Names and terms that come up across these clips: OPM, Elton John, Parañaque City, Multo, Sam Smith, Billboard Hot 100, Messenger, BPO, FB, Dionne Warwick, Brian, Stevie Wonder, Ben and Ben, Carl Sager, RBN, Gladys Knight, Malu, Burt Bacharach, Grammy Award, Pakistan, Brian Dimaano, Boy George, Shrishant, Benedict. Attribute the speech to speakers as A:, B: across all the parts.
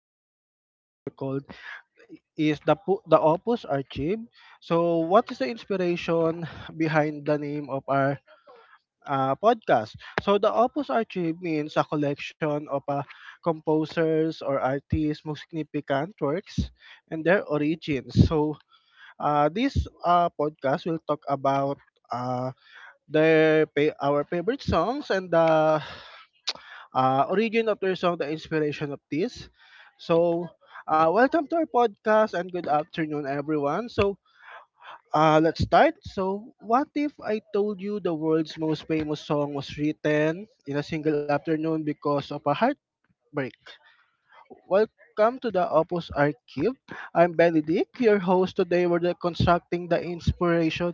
A: Our podcast title called is the Opus Archive. So what is the inspiration behind the name of our podcast? So the Opus Archive means a collection of composers or artists most significant works and their origins. So this podcast will talk about uh, our favorite songs and the origin of your song, the inspiration of this. So, welcome to our podcast and good afternoon, everyone. So, let's start. So, what if I told you the world's most famous song was written in a single afternoon because of a heartbreak? Welcome to the Opus Archive. I'm Benedict, your host today. We're deconstructing the inspiration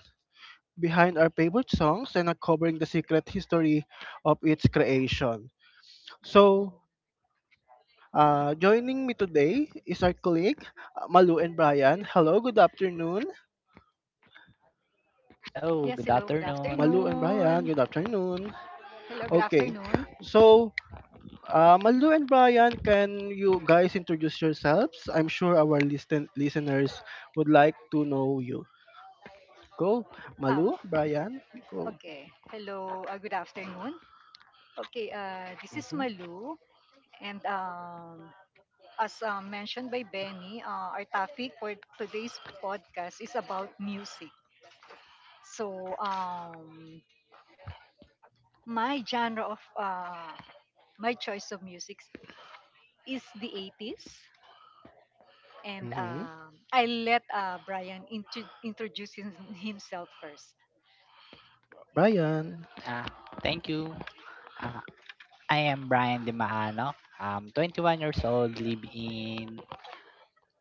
A: behind our favorite songs and uncovering the secret history of its creation. So, joining me today is our colleague, Malu and Brian. Hello, good afternoon.
B: Yes,
C: Hello,
B: hello,
C: good
B: good
A: Malu
C: afternoon.
A: and Brian,
B: afternoon.
A: good afternoon.
B: Hello, good
A: Okay,
B: afternoon.
A: so Malu and Brian, can you guys introduce yourselves? I'm sure our listeners would like to know you. Go,
B: Um,
A: Malu, Brian, go.
B: okay. Hello, good afternoon. Okay, this is
A: Mm-hmm.
B: Malu and as mentioned by Benny, our topic for today's podcast is about music. So, my genre of my choice of music is the 80s, and
A: Mm-hmm.
B: I let Brian introduce himself first.
A: Brian.
C: Uh, Thank you. Uh, I am Brian Dimaano. I'm 21 years old, live in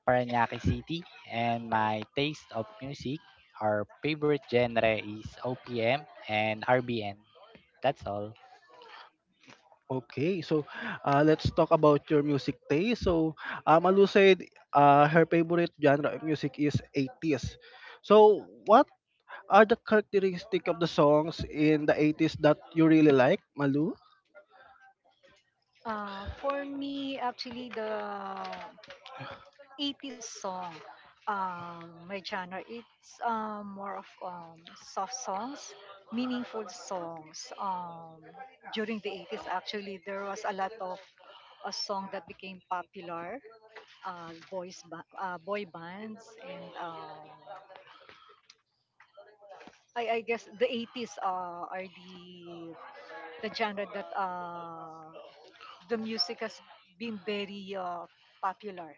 C: Parañaque City, and my taste of music, our favorite genre is OPM and RBN. That's all.
A: Okay, so let's talk about your music taste. So, Malu said her favorite genre of music is 80s. So, what are the characteristic of the songs in the 80s that you really like, Malu?
B: For me, actually, the 80s song, my genre, it's more of soft songs, meaningful songs. During the 80s, actually, there was a lot of a song that became popular, boy bands, and um, I guess the 80s are the genre that the music has been very popular,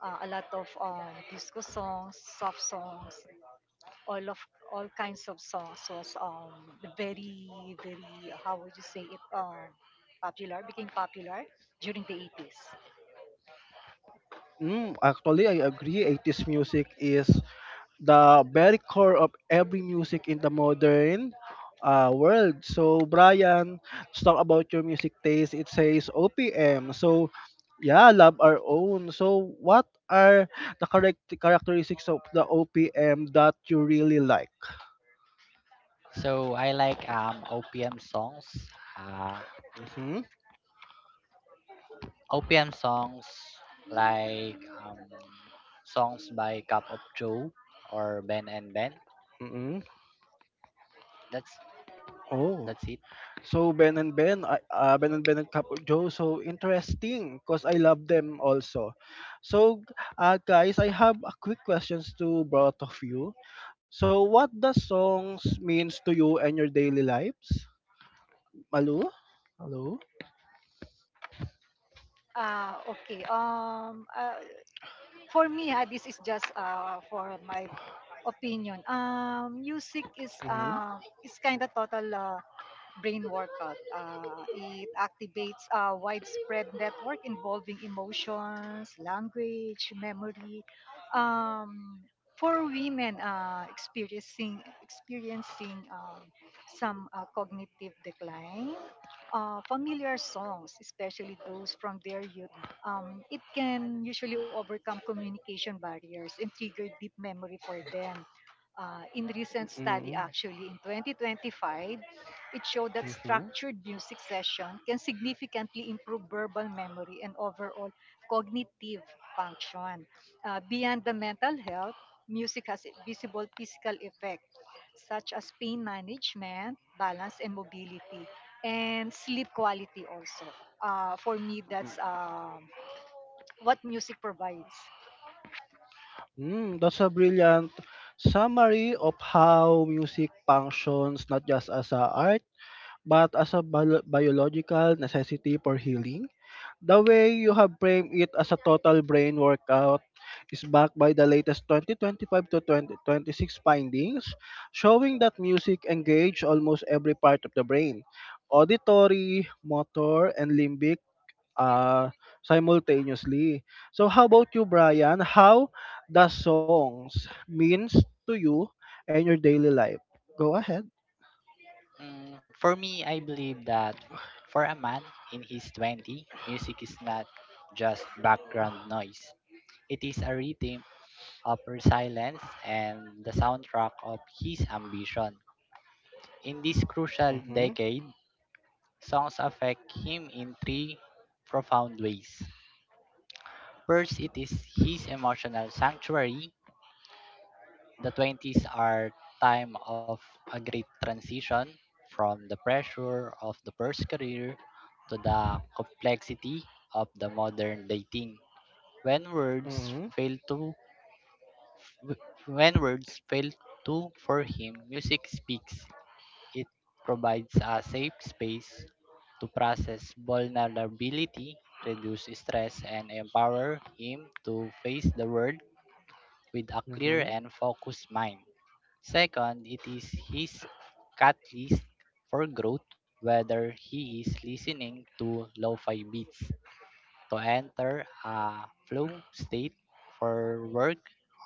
B: a lot of disco songs, soft songs, all of all kinds of songs was very very how would you say it, popular became popular during the 80s.
A: Actually, I agree. 80s music is the very core of every music in the modern world. So, Brian, let's talk about your music taste. It says OPM. So, yeah, love our own. So, what are the correct characteristics of the OPM that you really like?
C: So I like OPM songs. Uh,
A: Mm-hmm.
C: OPM songs like songs by Cup of Joe or Ben and Ben.
A: Mm-hmm.
C: That's
A: Oh.
C: that's it.
A: So Ben and Ben, Ben and Ben and Capo Joe, so interesting because I love them also. So guys, I have a quick questions to both of you. So what does songs means to you and your daily lives? Malu? Hello?
B: Ah, okay. For me, ah, this is just for my opinion. Music
A: Mm-hmm.
B: is kind of total brain workout. It activates a widespread network involving emotions, language, memory. Um, for women experiencing some cognitive decline, familiar songs, especially those from their youth, it can usually overcome communication barriers and trigger deep memory for them. In recent study,
A: Mm-hmm.
B: actually, in 2025, it showed that
A: Mm-hmm.
B: structured music session can significantly improve verbal memory and overall cognitive function. Beyond the mental health, music has a visible physical effect such as pain management, balance and mobility, and sleep quality also. For me, that's what music provides.
A: That's a brilliant summary of how music functions not just as a art, but as a biological necessity for healing. The way you have framed it as a total brain workout is backed by the latest 2025 to 2026 findings, showing that music engages almost every part of the brain auditory, motor, and limbic uh, simultaneously. So, how about you, Brian? How does songs means to you and your daily life? Go ahead.
C: Mm, for me, I believe that for a man in his 20s, music is not just background noise. It is a rhythm of resilience and the soundtrack of his ambition. In this crucial
A: Mm-hmm,
C: decade, songs affect him in three profound ways. First, it is his emotional sanctuary. The 20s are time of a great transition from the pressure of the first career to the complexity of the modern dating. when
A: mm-hmm,
C: words
A: mm-hmm,
C: fail to when words fail to for him, music speaks. It provides a safe space to process vulnerability, reduce stress, and empower him to face the world with a clear
A: mm-hmm,
C: and focused mind. Second, it is his catalyst for growth, whether he is listening to lo-fi beats to enter a flow state for work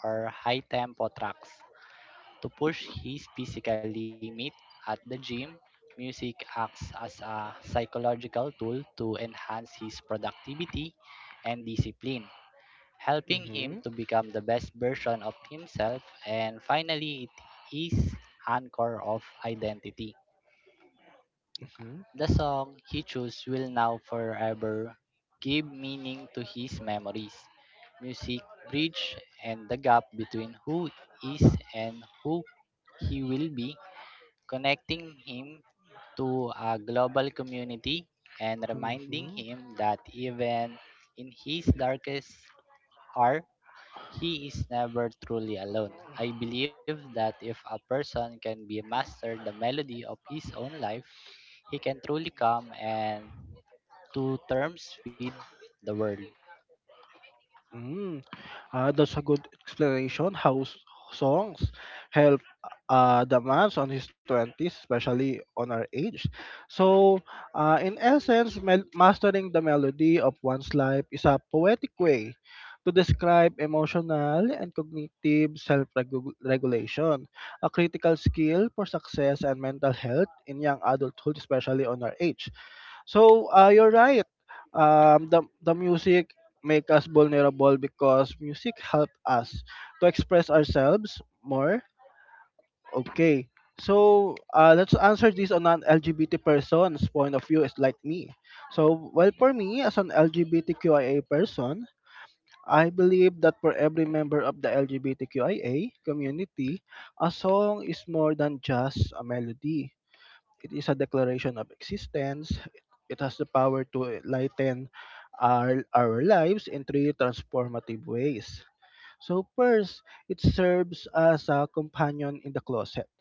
C: or high-tempo tracks to push his physical limit at the gym. Music acts as a psychological tool to enhance his productivity and discipline, helping him
A: mm-hmm,
C: to become the best version of himself. And finally, it is anchor of identity. The song he chose will now forever give meaning to his memories. Music bridge and the gap between who is and who he will be, connecting him to a global community and reminding
A: Mm-hmm.
C: him that even in his darkest hour, he is never truly alone. I believe that if a person can be master the melody of his own life, he can truly come and to terms with the world.
A: Mm, that's a good explanation. How songs help the man on his 20s, especially on our age. So, in essence, mastering the melody of one's life is a poetic way to describe emotional and cognitive self regulation, a critical skill for success and mental health in young adulthood, especially on our age. So you're right. The music make us vulnerable because music help us to express ourselves more. Okay. So let's answer this on an LGBT person's point of view, is like me. So well, for me as an LGBTQIA person, I believe that for every member of the LGBTQIA community, a song is more than just a melody. It is a declaration of existence. It has the power to lighten our lives in three transformative ways. So, first, it serves as a companion in the closet.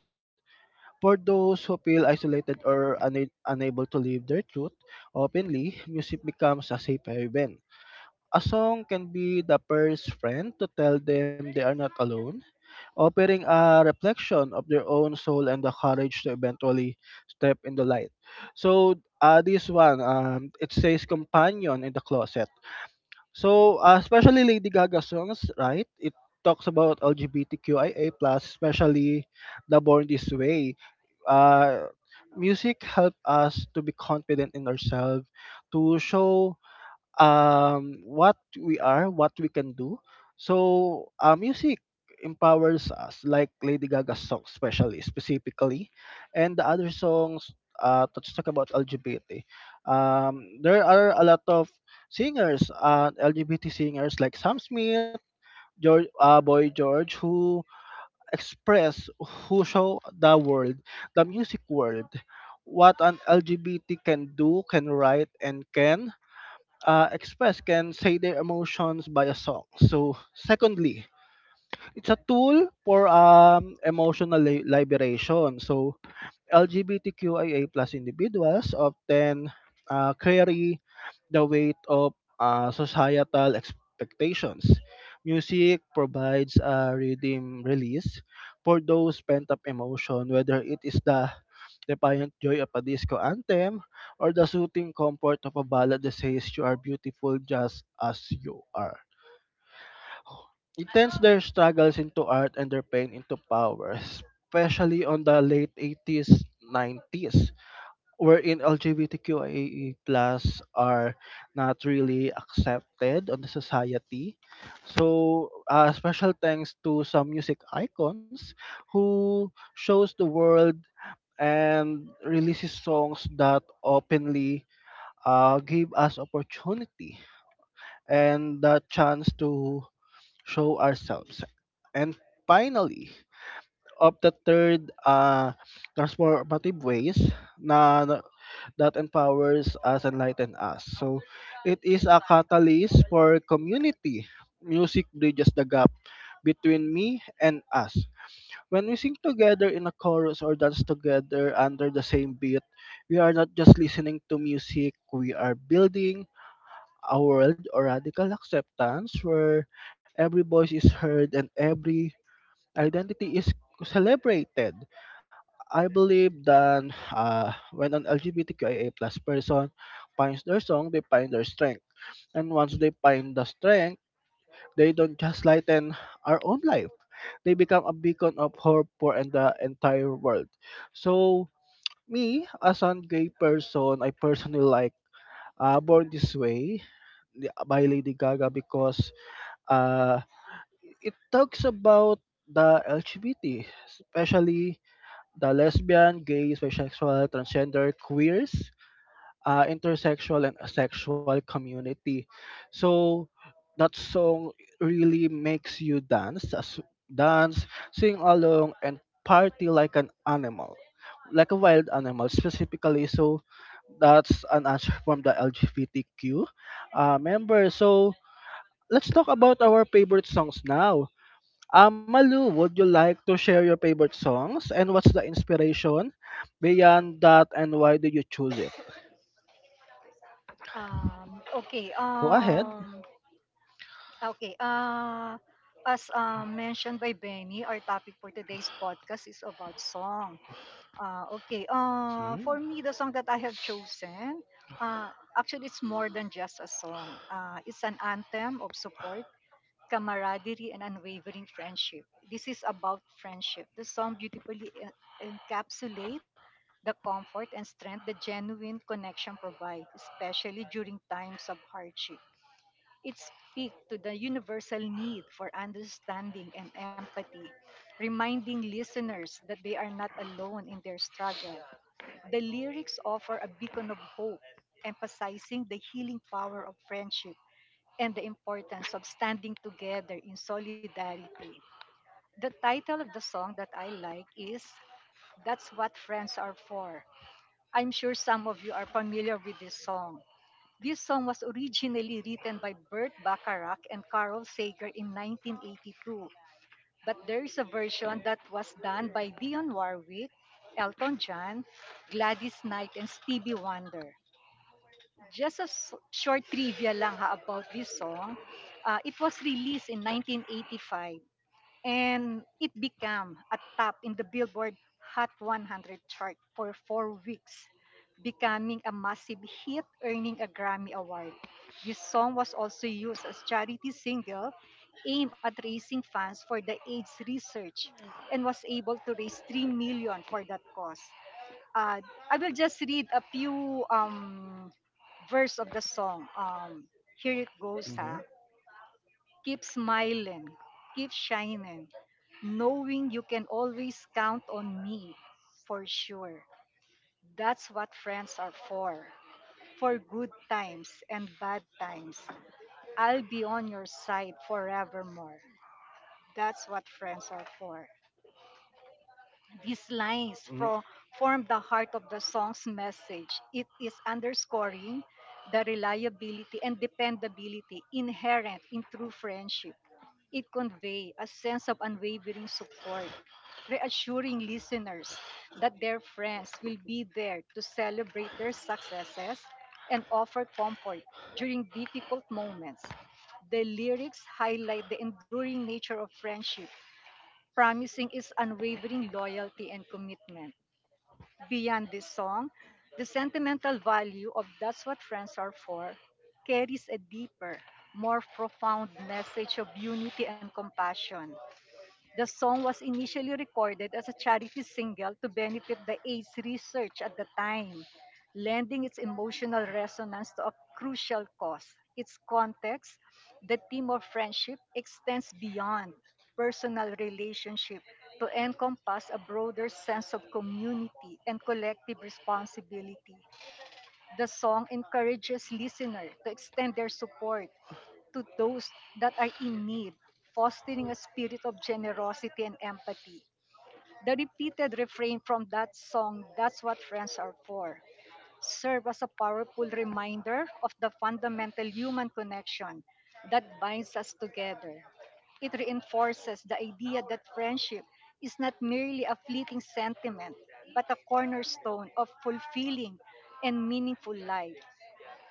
A: For those who feel isolated or unable to live their truth openly, music becomes a safe haven. A song can be the first friend to tell them they are not alone offering a reflection of their own soul and the courage to eventually step in the light. So this one, it says companion in the closet. So especially Lady Gaga songs, right? It talks about LGBTQIA plus, especially the Born This Way. Uh, Music helped us to be confident in ourselves, to show what we are, what we can do. So music empowers us like Lady Gaga's song especially, specifically, and the other songs. Let's talk about LGBT. There are a lot of singers, LGBT singers like Sam Smith, George, Boy George, who express, who show the world, the music world, what an LGBT can do, can write, and can express, can say their emotions by a song. So, secondly, it's a tool for emotional liberation. So, LGBTQIA plus individuals often carry the weight of societal expectations. Music provides a rhythm release for those pent up emotion, whether it is the defiant joy of a disco anthem, or the soothing comfort of a ballad that says you are beautiful just as you are. It turns their struggles into art and their pain into power, especially on the late 80s, 90s, wherein LGBTQIA plus are not really accepted on the society. So, special thanks to some music icons who shows the world and releases songs that openly gave us opportunity and the chance to show ourselves. And finally, of the third transformative ways na, na- that empowers us, enlighten us. So it is a catalyst for community. Music bridges the gap between me and us. When we sing together in a chorus or dance together under the same beat, we are not just listening to music, we are building a world or radical acceptance where every voice is heard and every identity is celebrated. I believe that when an LGBTQIA plus person finds their song, they find their strength. And once they find the strength, they don't just lighten our own life they become a beacon of hope for and the entire world. So me, as a gay person, I personally like Born This Way by Lady Gaga because uh, it talks about the LGBT, especially the lesbian, gay, bisexual, transgender, queers, intersexual and asexual community. So that song really makes you dance, dance, sing along, and party like an animal, like a wild animal specifically. So that's an answer from the LGBTQ members. So let's talk about our favorite songs now. Malu, would you like to share your favorite songs and what's the inspiration beyond that and why did you choose it?
B: Um, okay.
A: Go ahead.
B: Um, Okay. Uh, as mentioned by Benny, our topic for today's podcast is about song. Okay.
A: Hmm?
B: For me, the song that I have chosen, uh, actually, it's more than just a song. It's an anthem of support, camaraderie, and unwavering friendship. This is about friendship. The song beautifully encapsulates the comfort and strength the genuine connection provides, especially during times of hardship. It speaks to the universal need for understanding and empathy, reminding listeners that they are not alone in their struggle. The lyrics offer a beacon of hope, emphasizing the healing power of friendship and the importance of standing together in solidarity. The title of the song that I like is "That's What Friends Are For." I'm sure some of you are familiar with this song. This song was originally written by Burt Bacharach and Carl Sager in 1982, but there is a version that was done by Dionne Warwick, Elton John, Gladys Knight, and Stevie Wonder. Just a short trivia lang ha about this song. It was released in 1985, and it became a top in the Billboard Hot 100 chart for 4 weeks, becoming a massive hit, earning a Grammy Award. This song was also used as charity single aimed at raising funds for the AIDS research and was able to raise 3 million for that cause. Uh, I will just read a few verse of the song. Here it goes.
A: Mm-hmm.
B: Ha. "Keep smiling, keep shining, knowing you can always count on me for sure. That's what friends are for. For good times and bad times, I'll be on your side forevermore. That's what friends are for." These lines
A: Mm-hmm.
B: form the heart of the song's message. It is underscoring the reliability and dependability inherent in true friendship. It conveys a sense of unwavering support, reassuring listeners that their friends will be there to celebrate their successes and offer comfort during difficult moments. The lyrics highlight the enduring nature of friendship, promising is unwavering loyalty and commitment. Beyond this song, the sentimental value of "That's What Friends Are For" carries a deeper, more profound message of unity and compassion. The song was initially recorded as a charity single to benefit the AIDS research at the time, lending its emotional resonance to a crucial cause. Its context, the theme of friendship, extends beyond personal relationship to encompass a broader sense of community and collective responsibility. The song encourages listeners to extend their support to those that are in need, fostering a spirit of generosity and empathy. The repeated refrain from that song, "That's What Friends Are For," serve as a powerful reminder of the fundamental human connection that binds us together. It reinforces the idea that friendship is not merely a fleeting sentiment, but a cornerstone of fulfilling and meaningful life.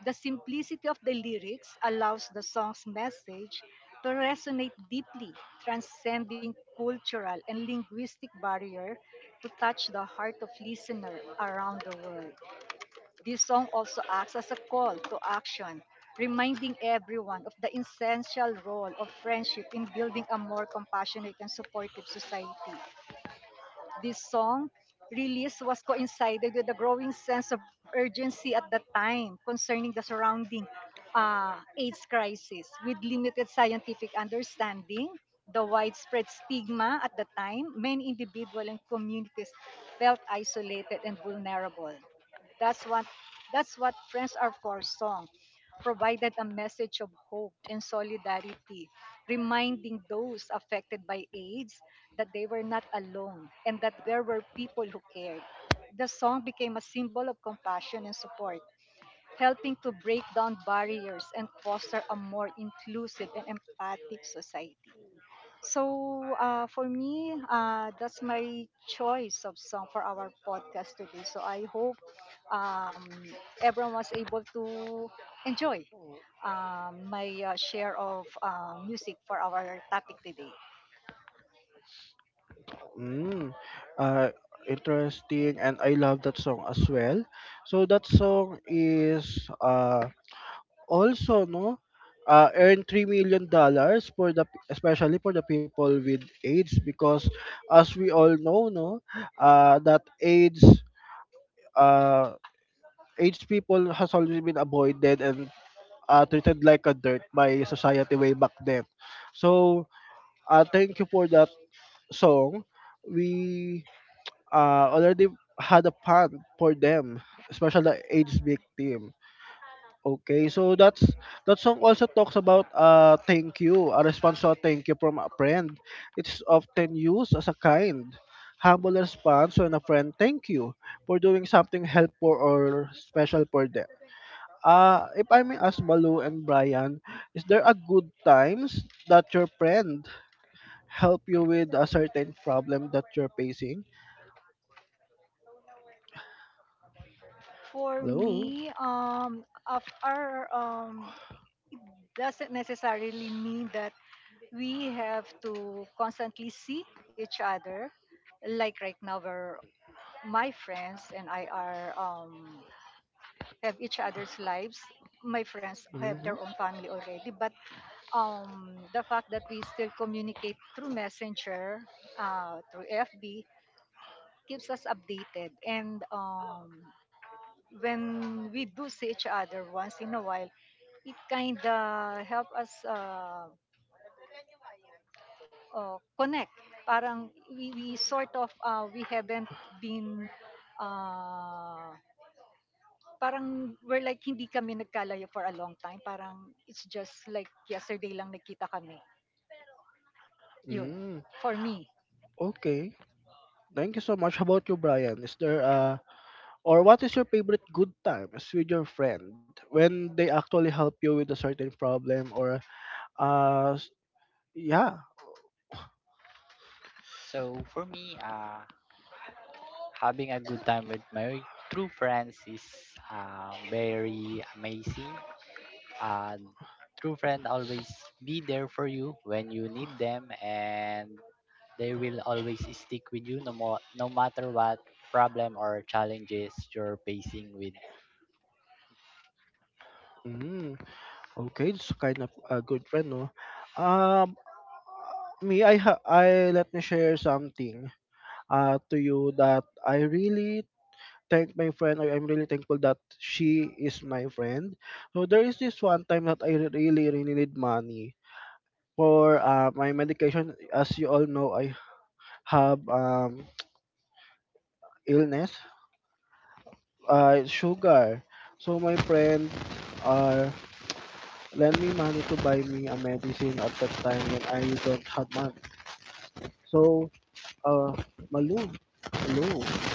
B: The simplicity of the lyrics allows the song's message to resonate deeply, transcending cultural and linguistic barrier to touch the heart of listener around the world. This song also acts as a call to action, reminding everyone of the essential role of friendship in building a more compassionate and supportive society. This song release was coincided with a growing sense of urgency at the time concerning the surrounding AIDS crisis. With limited scientific understanding, the widespread stigma at the time, many individuals and communities felt isolated and vulnerable. That's what that's what Friends Are For song provided a message of hope and solidarity, reminding those affected by AIDS that they were not alone and that there were people who cared. The song became a symbol of compassion and support, helping to break down barriers and foster a more inclusive and empathic society. So for me, that's my choice of song for our podcast today. So I hope um, everyone was able to enjoy my share of music for our topic today.
A: Mm. Uh, interesting, and I love that song as well. So that song is also no earned $3 million for the especially for the people with AIDS because as we all know no that uh AIDS people has always been avoided and treated like a dirt by society way back then. So thank you for that song. We already had a plan for them, especially the AIDS victim. Okay, so that's that song also talks about thank you, a response to a thank you from a friend. It's often used as a kind, humble response when a friend thank you for doing something helpful or special for them. If I may ask Balu and Brian, is there a good times that your friend help you with a certain problem that you're facing?
B: For
A: Hello.
B: me, of our doesn't necessarily mean that we have to constantly see each other. Like right now, we're my friends and I are have each other's lives. My friends have
A: Mhm.
B: their own family already, but the fact that we still communicate through Messenger, through FB, keeps us updated. And when we do see each other once in a while, it kind of help us connect. Parang we sort of we haven't been uh, parang we're like hindi kami nagkalayo for a long time. Parang it's just like yesterday lang nagkita kami. Yun,
A: Mm,
B: for me.
A: okay. Thank you so much. How about you, Brian? Is there or what is your favorite good times with your friend when they actually help you with a certain problem or uh s- yeah.
C: So for me, having a good time with my true friends is very amazing. Uh, True friend always be there for you when you need them, and they will always stick with you, no more no matter what problem or challenges you're facing with.
A: Mm, okay, it's kind of a good friend, no? Um, me, I ha- I let me share something to you that I really thank my friend. I'm really thankful that she is my friend. So there is this one time that I really really need money. For my medication, as you all know, I have illness, sugar. So my friend uh, lend me money to buy me a medicine at that time when I don't have money. So, uh, Malu, hello,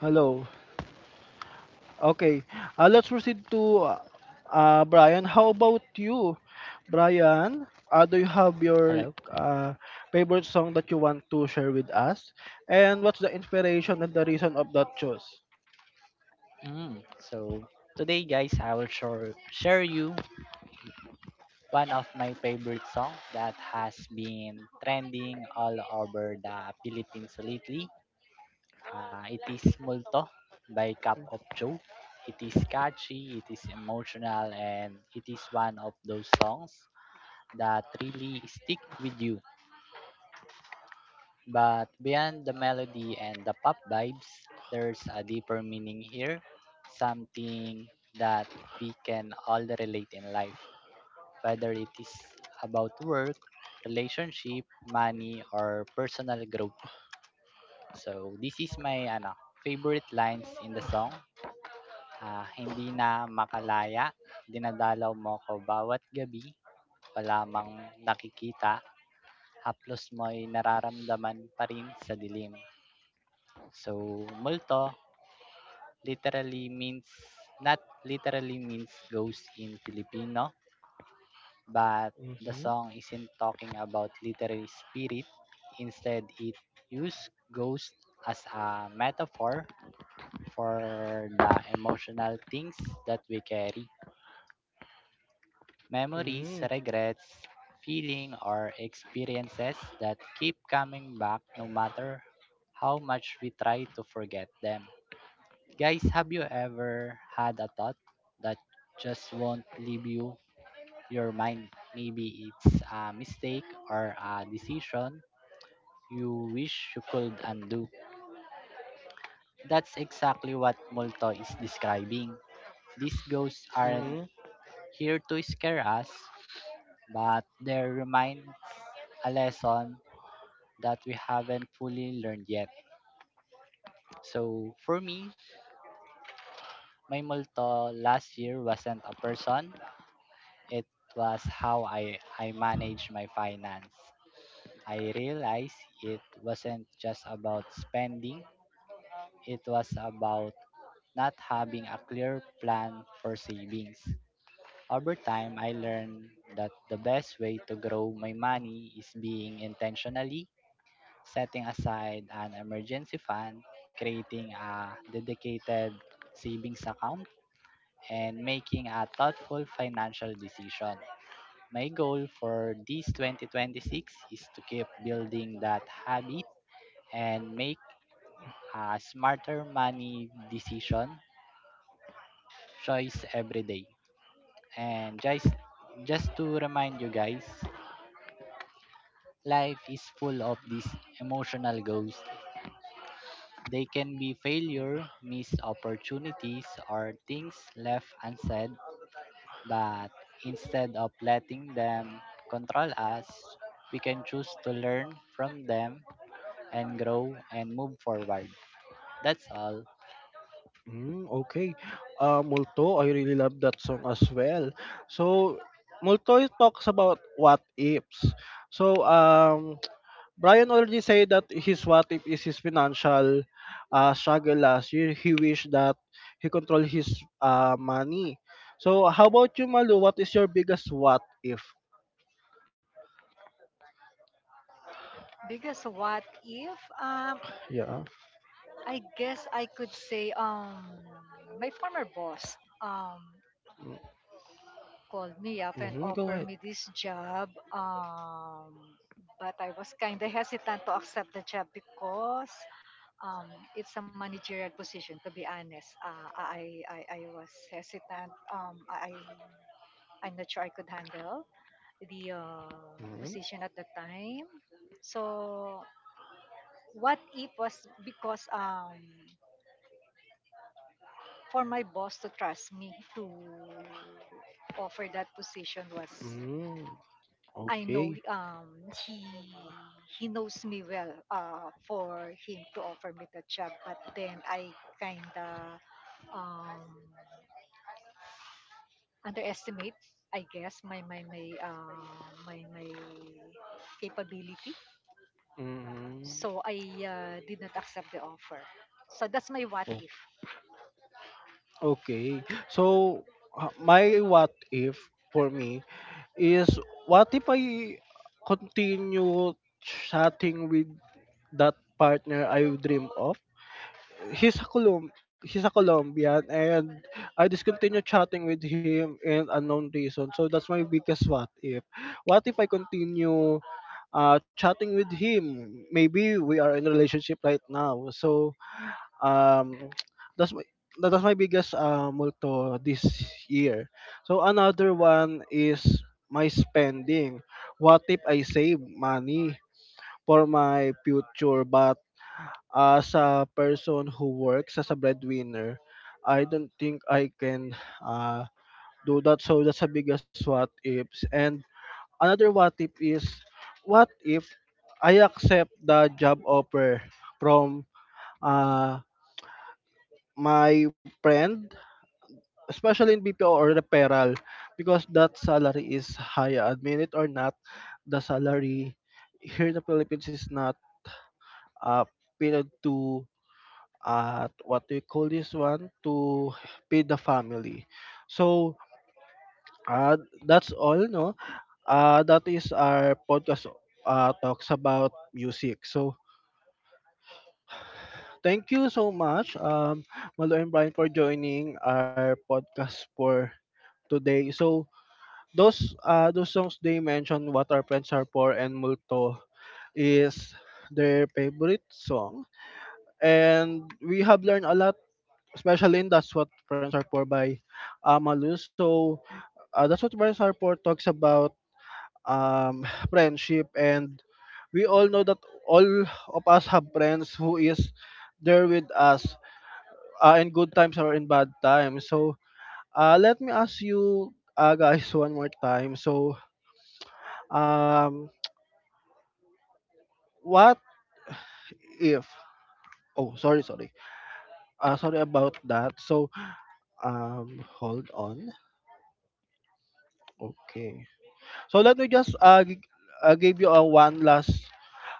A: hello. Okay, let's proceed to Brian. How about you, Brian? Do you have your
C: Hello.
A: uh, favorite song that you want to share with us? And what's the inspiration and the reason of that choice?
C: Mm. So today, guys, I will share you one of my favorite song that has been trending all over the Philippines lately. It is Multo by Cup of Joe. It is catchy, it is emotional, and it is one of those songs that really stick with you. But beyond the melody and the pop vibes, there's a deeper meaning here, something that we can all relate in life, whether it is about work, relationship, money, or personal growth. So this is my ano, favorite lines in the song. Ah, hindi na makalaya, dinadalaw mo ko bawat gabi, wala mang nakikita, haplos mo'y nararamdaman pa rin sa dilim. So, multo literally means not literally means ghost in Filipino, but the
A: Mm-hmm.
C: song isn't talking about literary spirit. Instead, it used ghost as a metaphor for the emotional things that we carry, memories,
A: mm
C: regrets, feeling or experiences that keep coming back no matter how much we try to forget them. Guys, have you ever had a thought that just won't leave you your mind? Maybe it's a mistake or a decision you wish you could undo. That's exactly what Molto is describing. These ghosts aren't
A: mm
C: here to scare us, but they remind a lesson that we haven't fully learned yet. So for me, my Molto last year wasn't a person. It was how I managed my finance. I realized it wasn't just about spending, it was about not having a clear plan for savings. Over time, I learned that the best way to grow my money is being intentionally setting aside an emergency fund, creating a dedicated savings account, and making a thoughtful financial decision. My goal for this 2026 is to keep building that habit and make a smarter money decision choice every day. And just to remind you guys, life is full of these emotional ghosts. They can be failure, missed opportunities, or things left unsaid. But instead of letting them control us, we can choose to learn from them and grow and move forward. That's all.
A: mm Okay. Multo, I really love that song as well. So, Multo it talks about what ifs. So, Brian already said that his what if is his financial struggle last year. He wished that he control his money. So how about you, Malu? What is your biggest what if?
B: Biggest what if?
A: Yeah.
B: I guess I could say my former boss um called me up and
A: Mm-hmm, go
B: offered
A: ahead.
B: me this job. But I was kind of hesitant to accept the job because it's a managerial position. To be honest, I was hesitant. I'm not sure I could handle the
A: Mm-hmm.
B: position at the time. So what if was because for my boss to trust me to offer that position was
A: Mm-hmm.
B: I know
A: Okay.
B: he knows me well for him to offer me the job, but then I kinda um underestimate I guess my capability,
A: Mm-hmm.
B: so I did not accept the offer. So that's my what
A: Okay.
B: if.
A: okay. So my what if for me is what if I continue chatting with that partner I dream of? He's a Colombian and I discontinued chatting with him in unknown reason. So that's my biggest what if. What if I continue chatting with him? Maybe we are in a relationship right now. So um that's my biggest multo this year. So another one is my spending. What if I save money for my future but as a person who works as a breadwinner, I don't think I can uh, do that. So that's a biggest what ifs. And another what if is what if I accept the job offer from uh, my friend, especially in BPO or referral, because that salary is high. Admit it or not, the salary here in the Philippines is not uh, paid to at what do you call this one to feed the family. So uh, that's all no that is our podcast talks about music. So thank you so much Malo and Brian for joining our podcast for today. So those songs they mentioned what our friends are for and multo is their favorite song and we have learned a lot especially in that's what friends are for by amalu. So that's what friends are for talks about um friendship and we all know that all of us have friends who is there with us in good times or in bad times. So let me ask you guys one more time. So um what if oh sorry sorry sorry about that. So hold on okay. So let me just give you a one last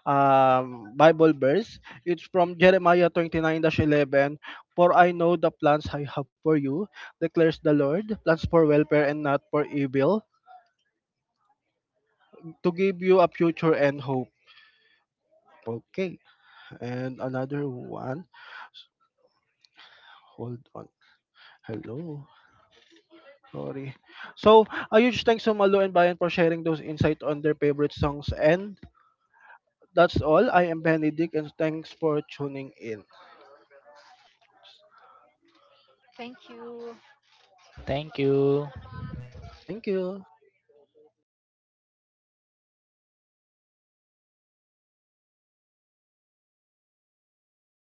A: Bible verse. It's from Jeremiah 29:11. For I know the plans I have for you, declares the Lord, plans for welfare and not for evil, to give you a future and hope. Okay. And another one. Hold on. Hello. Sorry. So, a huge thanks to Malo and Bayan for sharing those insights on their favorite songs. And that's all. I am Benedict and thanks for tuning in.
B: Thank you.
C: Thank you.
A: Thank you.